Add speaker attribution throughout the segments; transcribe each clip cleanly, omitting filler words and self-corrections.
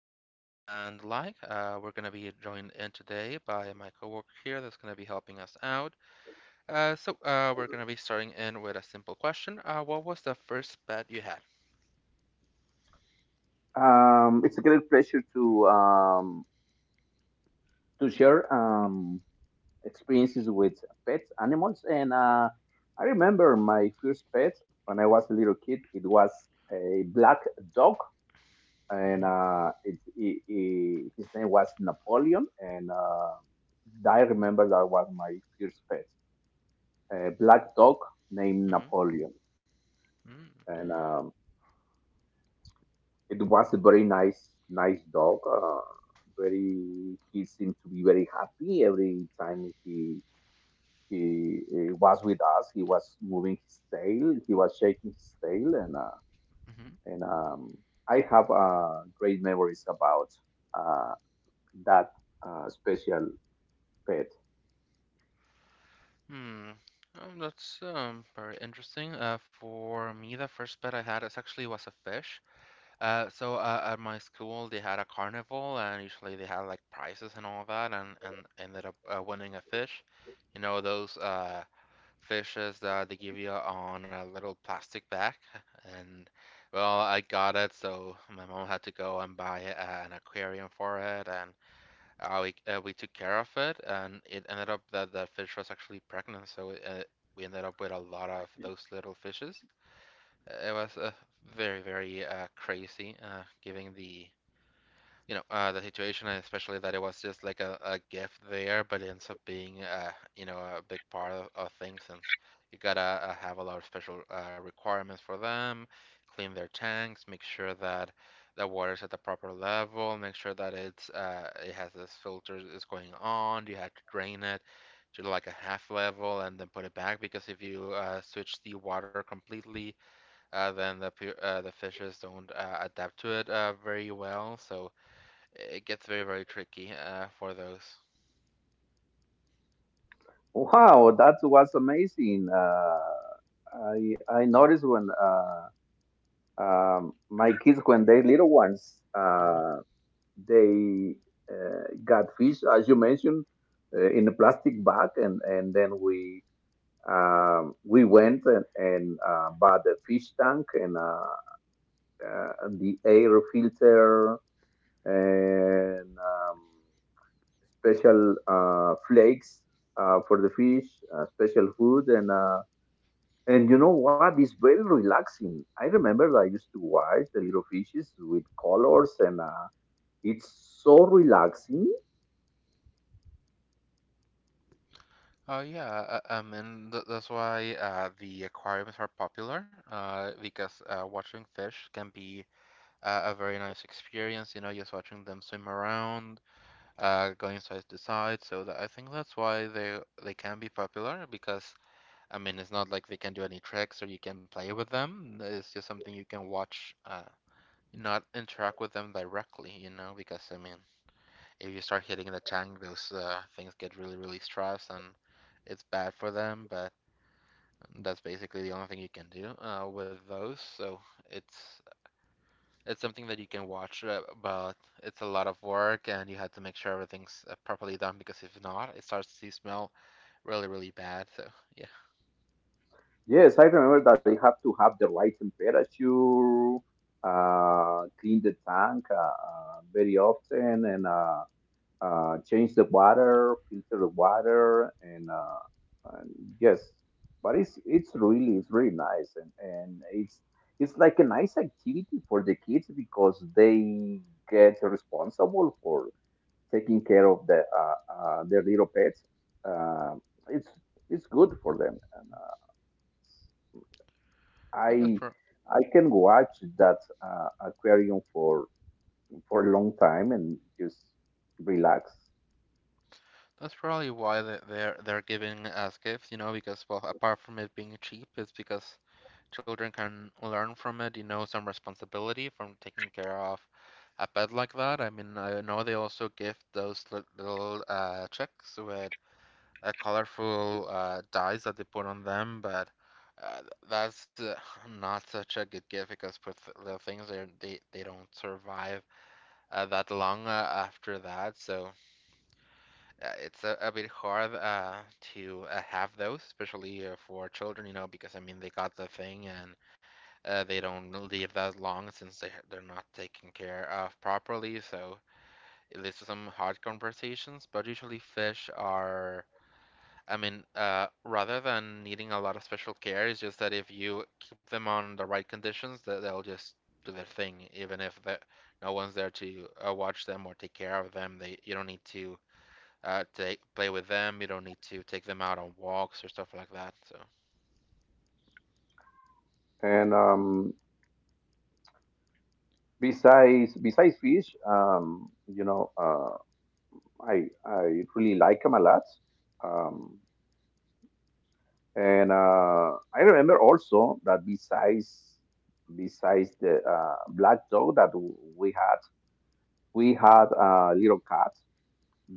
Speaker 1: pets, and the like. We're going to be joined in today by my coworker here that's going to be helping us out. We're going to be starting in with a simple question. What was the first pet you had?
Speaker 2: It's a great pleasure to share experiences with pets, animals, and I remember my first pet when I was a little kid. It was a black dog, and
Speaker 1: Mm-hmm.
Speaker 2: his name was Napoleon. And I remember that was my first pet, a black dog named
Speaker 1: Mm-hmm.
Speaker 2: Napoleon. And it was a very nice dog. He seemed to be very happy every time he was with us. He was moving his tail. He was shaking his tail, and
Speaker 1: Mm-hmm.
Speaker 2: and um, I have great memories about uh, that special pet.
Speaker 1: Hmm. That's very interesting. For me, the first pet I had is actually was a fish. At my school they had a carnival and usually they had like prizes and all that and ended up winning a fish. You know those fishes that they give you on a little plastic bag and well I got it, so my mom had to go and buy an aquarium for it, and we took care of it, and it ended up that the fish was actually pregnant, so we ended up with a lot of those little fishes. It was very crazy, given the the situation, and especially that it was just like a gift there, but it ends up being a big part of things, since you gotta have a lot of special requirements for them, clean their tanks, make sure that the water's at the proper level, make sure that it's it has this filter is going on. You have to drain it to like a half level and then put it back, because if you switch the water completely, then the the fishes don't adapt to it very well, so it gets very very tricky for those.
Speaker 2: Wow, that was amazing. I noticed when my kids when they little ones.
Speaker 1: Mhm.
Speaker 2: They got fish, as you mentioned, in a plastic bag, and then we went and bought a fish tank and uh, the air filter and special flakes for the fish, special food, and you know what? It's very relaxing. I remember I used to watch the little fishes with colors, and it's so relaxing.
Speaker 1: Yeah, and that's why the aquariums are popular because watching fish can be a very nice experience. You know, just watching them swim around, going side to side. So I think that's why they can be popular, because I mean it's not like they can do any tricks or you can play with them. It's just something you can watch. Not interact with them directly, you know, because I mean, if you start hitting the tank, those things get really, really stressed, and it's bad for them. But that's basically the only thing you can do with those. So it's it's something that you can watch, but it's a lot of work and you have to make sure everything's properly done, because if not, it starts to smell really, really bad. So yeah,
Speaker 2: Yes, I remember that you have to have the right temperature, clean the tank very often, and change the water, filter the water, and yes, but it's really it's really nice, and it's like a nice activity for the kids because they get responsible for taking care of the their little pets. Uh, it's good for them.
Speaker 1: that's
Speaker 2: I
Speaker 1: pro-
Speaker 2: I can watch that aquarium for a long time and just relax.
Speaker 1: that's probably why they're giving us gifts, you know, because well, apart from it being cheap, it's because children can learn from it, you know, some responsibility from taking care of a pet like that. I mean, I know they also give those little checks with colorful dyes that they put on them, but that's not such a good gift, because with the things they don't survive that long after that. So it's a bit hard to have those, especially for children, you know, because I mean they got the thing and they don't live that long since they're not taken care of properly, so it leads to some hard conversations. But usually, fish are, I mean, rather than needing a lot of special care, it's just that if you keep them on the right conditions, that they'll just do their thing, even if no one's there to watch them or take care of them. They You don't need to play with them. You don't need to take them out on walks or stuff like that. So.
Speaker 2: And besides fish, you know, I really like them a lot. Um, and I remember also that besides the black dog that we had a little cat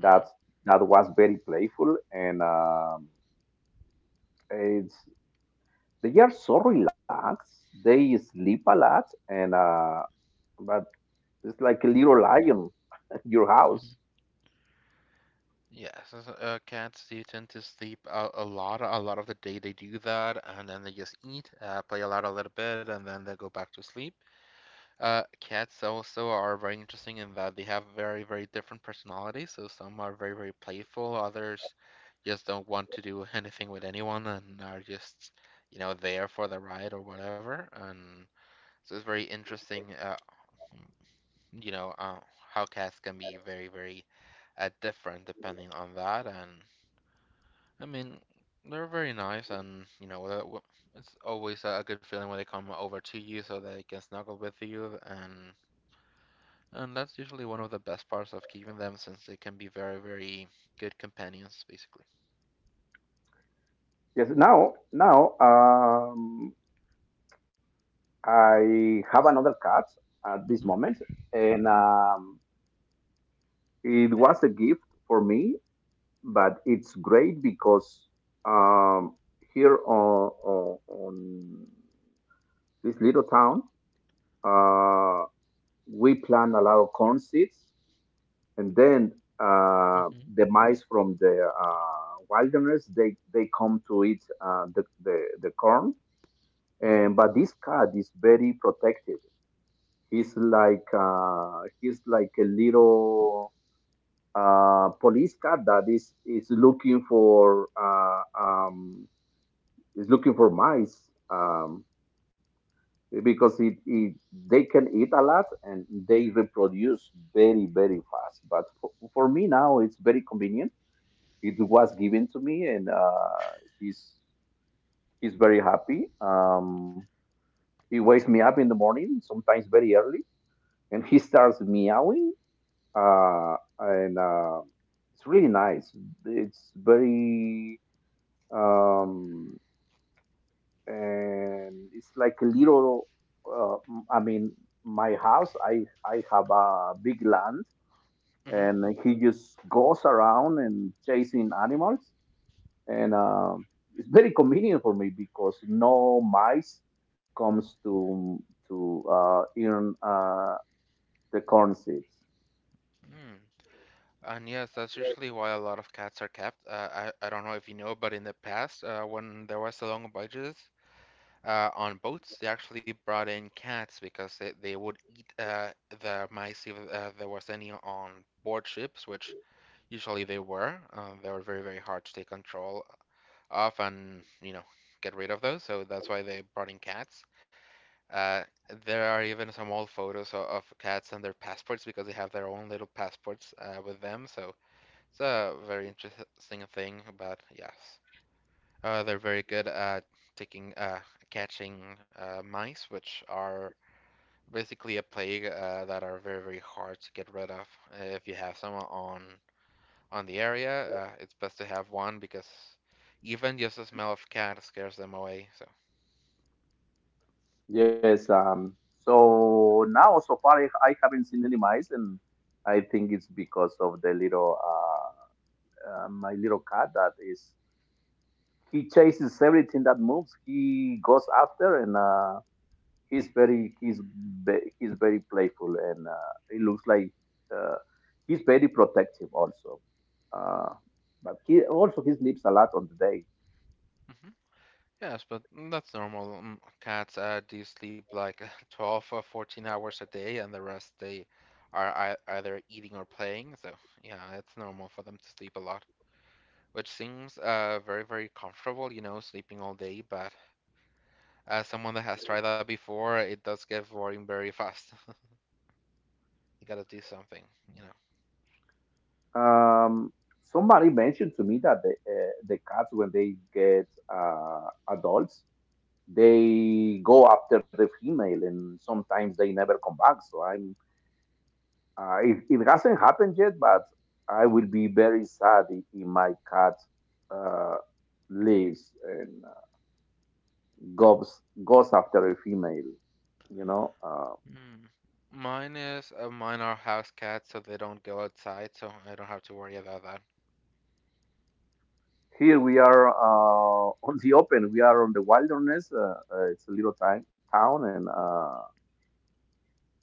Speaker 1: Mhm.
Speaker 2: that that was very playful. And. It's They are so relaxed. They sleep a lot, and but it's like a little lion at your house.
Speaker 1: Yes, as, cats do tend to sleep out a lot. A lot of the day they do that, and then they just eat, play a lot a little bit, and then they go back to sleep. Cats also are very interesting in that they have very, very different personalities. So some are very, very playful, others just don't want to do anything with anyone, and are just, you know, there for the ride or whatever. And so it's very interesting, you know, uh, how cats can be very, very different depending on that and. I mean, they're very nice, and you know, it's always a good feeling when they come over to you so they can snuggle with you, and that's usually one of the best parts of keeping them, since they can be very, very good companions, basically.
Speaker 2: Yes. Now I have another cat at this
Speaker 1: Mhm.
Speaker 2: moment, and it was a gift for me. But it's great because um, here on this little town, uh, we plant a lot of corn seeds and then uh,
Speaker 1: Mhm.
Speaker 2: the mice from the wilderness they come to eat the corn,
Speaker 1: Mhm.
Speaker 2: and but this cat is very protective. He's like a little police cat that is looking for mice, because it they can eat a lot and they reproduce very, very fast. But for me now it's very convenient. It was given to me, and he's he's very happy. He wakes me up in the morning sometimes very early, and he starts meowing, and it's really nice. It's very um, and it's like a little uh, i mean my house. I have a big land,
Speaker 1: Hmm.
Speaker 2: and he just goes around and chasing animals, and it's very convenient for me because no mice comes to earn the corn seeds.
Speaker 1: Mm. And yes, that's
Speaker 2: Yes.
Speaker 1: usually why a lot of cats are kept. I don't know if you know, but in the past, when there was a long budget. On boats, they actually brought in cats because they would eat the mice if there was any on board ships, which usually they were. They were very, very hard to take control of, and, you know, get rid of those. So that's why they brought in cats. Uh, there are even some old photos of cats and their passports because they have their own little passports with them. So it's a very interesting thing. But yes, they're very good at taking catching mice, which are basically a plague that are very very hard to get rid of. If you have someone on the area, it's best to have one, because even just the smell of cat scares them away. So.
Speaker 2: Yes. So now, so far, I haven't seen any mice, and I think it's because of the little my little cat that is. He chases everything that moves. He goes after. And. He's very he's he's very playful, and he looks like uh, he's very protective also, uh, but he also he sleeps a lot on the day.
Speaker 1: Hmm. Yes, but that's normal. Mm, cats do sleep like 12 or 14 hours a day, and the rest they are either eating or playing. So, yeah, it's normal for them to sleep a lot. Which seems very, very comfortable, you know, sleeping all day. But as someone that has tried that before, it does get boring very fast. You gotta do something, you know.
Speaker 2: um, Somebody mentioned to me that the cats when they get adults they go after the female and sometimes they never come back, so I'm it hasn't happened yet, but I will be very sad if my cat uh, leaves and goes after a female. You know,
Speaker 1: Hmm. Mine is mine are house cats, so they don't go outside, so I don't have to worry about that.
Speaker 2: here we are on the open. We are on the wilderness. It's a little time, town, and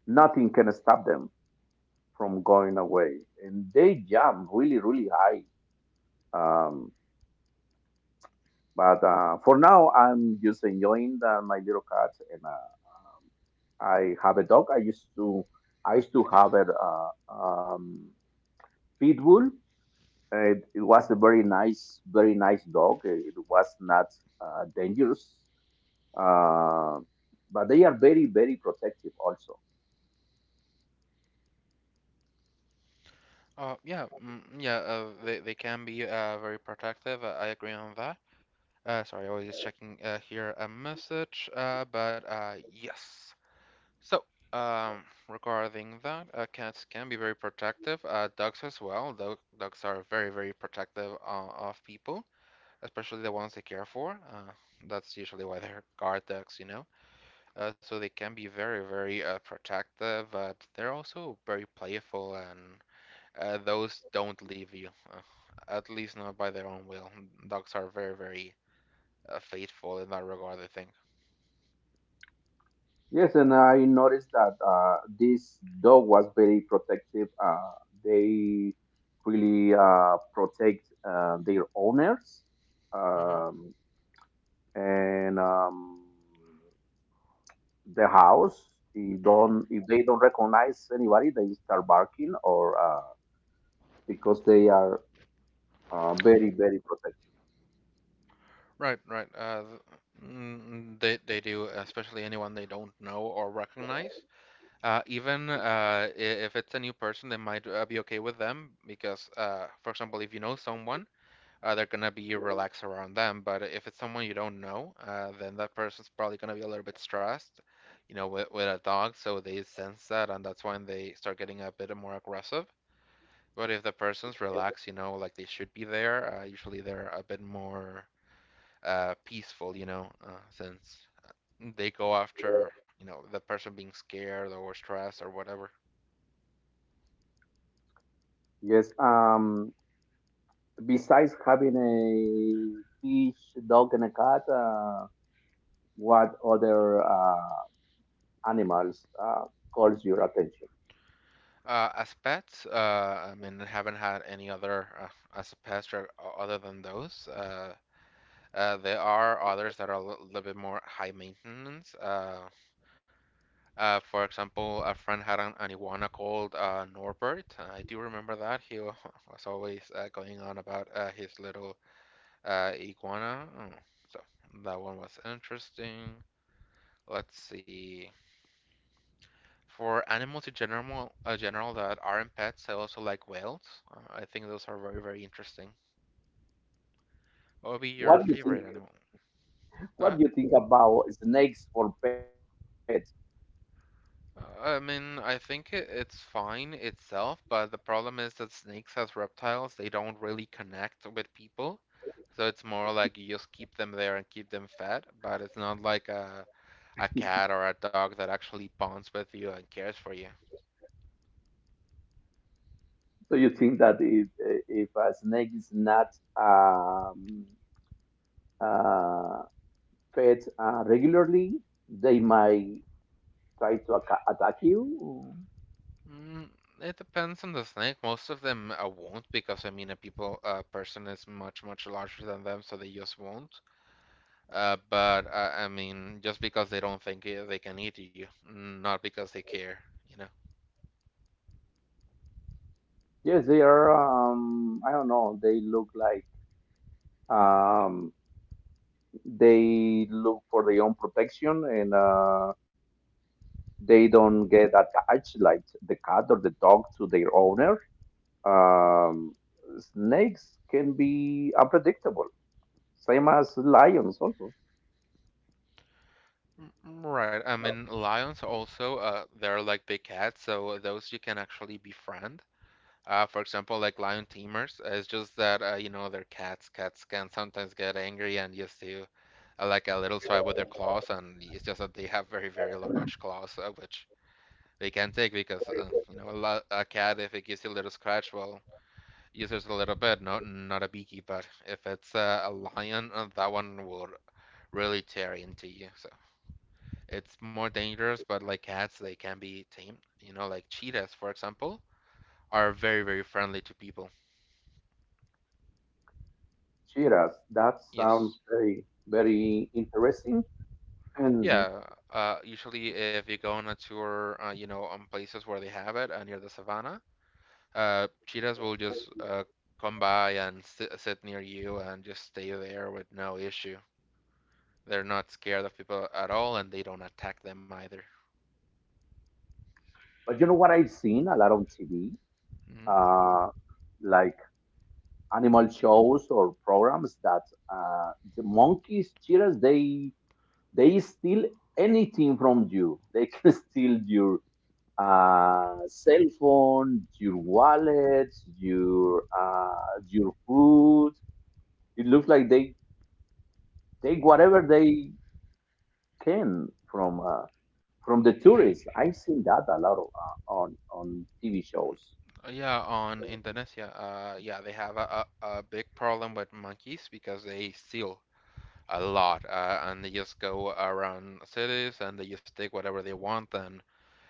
Speaker 2: nothing can stop them from going away. And they jump really, really high. Um, but for now, I'm just enjoying the, my little cat, and I have a dog. I used to have a pit bull. It was a very very nice dog. It was not dangerous, but they are very, very protective also.
Speaker 1: Yeah, yeah, they can be very protective. I agree on that. Sorry, I was just checking here a message. But Yes. So, regarding that, cats can be very protective. Dogs as well. Dogs are very, very protective of people, especially the ones they care for. That's usually why they're guard dogs, you know. So they can be very, very protective, but they're also very playful, and those don't leave you, at least not by their own will. Dogs are very, very faithful in that regard, I think.
Speaker 2: Yes, and I noticed that this dog was very protective. They really protect their owners, um, and the house. If
Speaker 1: Mm-hmm.
Speaker 2: don't if they don't recognize anybody, they start barking, or because they are very, very protective.
Speaker 1: Right, right. They do, especially anyone they don't know or recognize. If it's a new person, they might be okay with them because, for example, if you know someone, they're gonna be relaxed around them. But if it's someone you don't know, then that person's probably gonna be a little bit stressed, you know, with a dog. So they sense that, and that's when they start getting a bit more aggressive. But if the person's relaxed, you know, like they should be there, usually they're a bit more peaceful, you know, since they go after, you know, the person being scared or stressed or whatever.
Speaker 2: Yes. Um, besides having a fish, dog, and a cat, what other animals calls your attention?
Speaker 1: As pets, I mean, I haven't had any other as a pet other than those. There are others that are a little bit more high maintenance. For example, a friend had an iguana called Norbert. I do remember that. Was always going on about his little iguana. Mm, so that one was interesting. Let's see. For animals in general, that aren't pets, I also like whales. I think those are very, very interesting. What would be your
Speaker 2: What do you think?
Speaker 1: favorite animal? Go
Speaker 2: What
Speaker 1: ahead.
Speaker 2: do you think about snakes for pets?
Speaker 1: I mean, I think it's fine itself, but the problem is that snakes as reptiles, they don't really connect with people. So it's more like you just keep them there and keep them fed, but it's not like a cat or a dog that actually bonds with you and cares for you.
Speaker 2: So you think that if a snake is not um, uh, fed regularly, they might try to attack you?
Speaker 1: Mm, it depends on the snake. Most of them won't, because I mean a person is much much larger than them, so they just won't. But I mean just because they don't think they can eat you, not because they care, you know.
Speaker 2: Yes, they are. I don't know. They look like um, they look for their own protection, and they don't get attached like the cat or the dog to their owner. Um, snakes can be unpredictable, same as lions. Also,
Speaker 1: Mm, right. I mean lions also they're like big cats, so those you can actually befriend. For example, like lion tamers. It's just that you know they're cats. Cats can sometimes get angry and just do like a little tribe with their claws, and it's just that they have very, very large claws, which they can take because you know a cat if it gives you a little scratch, well, uses a little bit, not a beaky, but if it's a lion, that one will really tear into you. So it's more dangerous, but like cats, they can be tamed. You know, like cheetahs, for example, are very, very friendly to people.
Speaker 2: cheetahs. That
Speaker 1: Yes.
Speaker 2: sounds very, very interesting. And
Speaker 1: Yeah, usually if you go on a tour, you know, on places where they have it, near the savannah, cheetahs will just come by and sit near you and just stay there with no issue. They're not scared of people at all, and they don't attack them either.
Speaker 2: but you know what, I've seen a lot on TV,
Speaker 1: Mhm.
Speaker 2: uh, like animal shows or programs that the monkeys, cheetahs, they steal anything from you. They can steal your cell phone, your wallet, your uh, your food. It looks like they take whatever they can from the tourists. I've seen that a lot of, on TV shows.
Speaker 1: Yeah, on Indonesia, yeah, they have a big problem with monkeys because they steal a lot, and they just go around cities and they just take whatever they want, and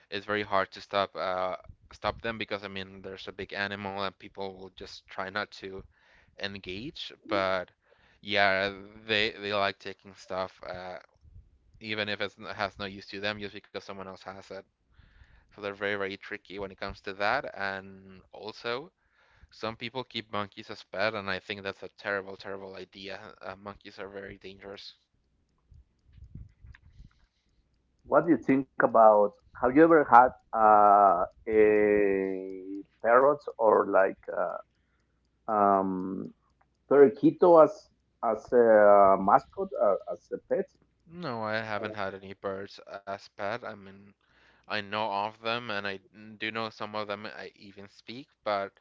Speaker 1: it's very hard to stop stop them because I mean there's a big animal and people will just try not to engage. But yeah, they like taking stuff even if it has no use to them just because someone else has it. So they're very very tricky when it comes to that. And also some people keep monkeys as pet, and I think that's a terrible terrible idea. Monkeys are very dangerous.
Speaker 2: What do you think about? Have you ever had uh, a parrot or like um, periquito as a mascot, as a pet?
Speaker 1: No, I haven't had any birds as pet. I mean, I know of them, and I do know some of them I even speak, but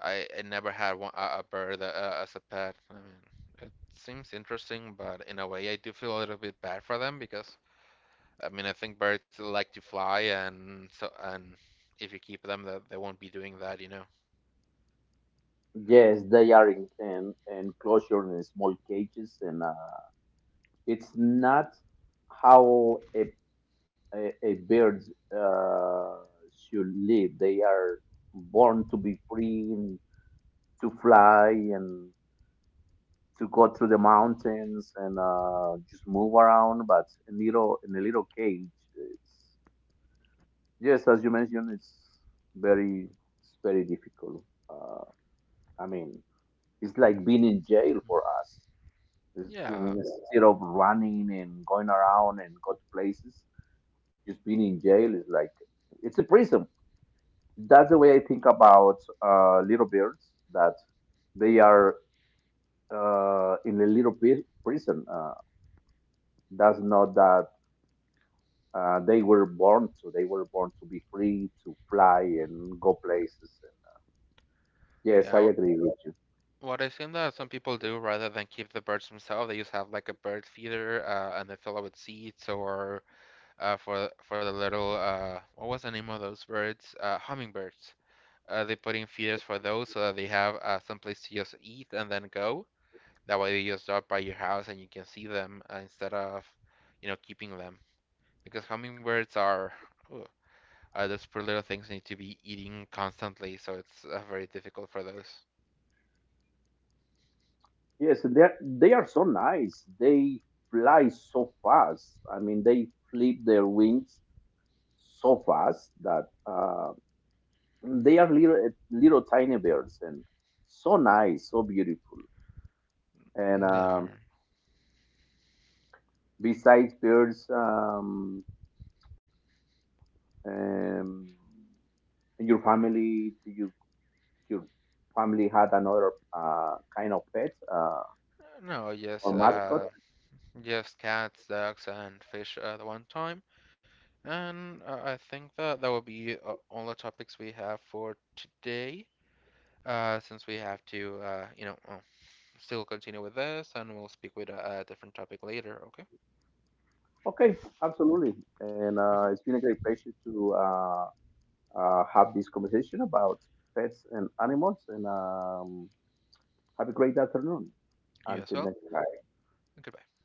Speaker 1: I never had one, a bird as a pet. I mean, it seems interesting, but in a way, I do feel a little bit bad for them because I mean, I think birds like to fly, and so and if you keep them, that they won't be doing that.
Speaker 2: Yes, they are in enclosure in small cages, and it's not how a a bird uh, should live. They are born to be free and to fly and to go through the mountains and just move around, but in a little cage. It's yes, as you mentioned, very it's very difficult. Uh, I mean, it's like being in jail for us.
Speaker 1: Yeah,
Speaker 2: Instead of running and going around and go to places, just being in jail is like it's a prison. That's the way I think about little birds. That they are in a little bit prison. That's not that they were born to. They were born to be free, to fly and go places. Yes, I
Speaker 1: yeah.
Speaker 2: agree
Speaker 1: wh-
Speaker 2: with you.
Speaker 1: What I've seen that some people do rather than keep the birds themselves, they just have like a bird feeder, and they fill it with seeds or for the little what was the name of those birds? Hummingbirds. They put in feeders for those so that they have some place to just eat and then go. That way they just drop by your house and you can see them instead of, you know, keeping them. Because hummingbirds are, ugh, those poor little things need to be eating constantly, so it's very difficult for those.
Speaker 2: Yes, they are so nice. They fly so fast. I mean, they flip their wings so fast that they are little little tiny birds, and so nice, so beautiful. And
Speaker 1: Mm, they are.
Speaker 2: besides birds, um, in your family, do you your family had another kind of pet,
Speaker 1: No, yes,
Speaker 2: or mascot.
Speaker 1: just cats, ducks, and fish at the one time. And I think that that will be all the topics we have for today. Since we have to, you know, still continue with this, and we'll speak with a different topic later. Okay.
Speaker 2: Okay, absolutely. And
Speaker 1: Hmm.
Speaker 2: it's been a great pleasure to have this conversation about pets and animals. And have a great afternoon.
Speaker 1: You as
Speaker 2: Until
Speaker 1: well.
Speaker 2: next time.
Speaker 1: Goodbye.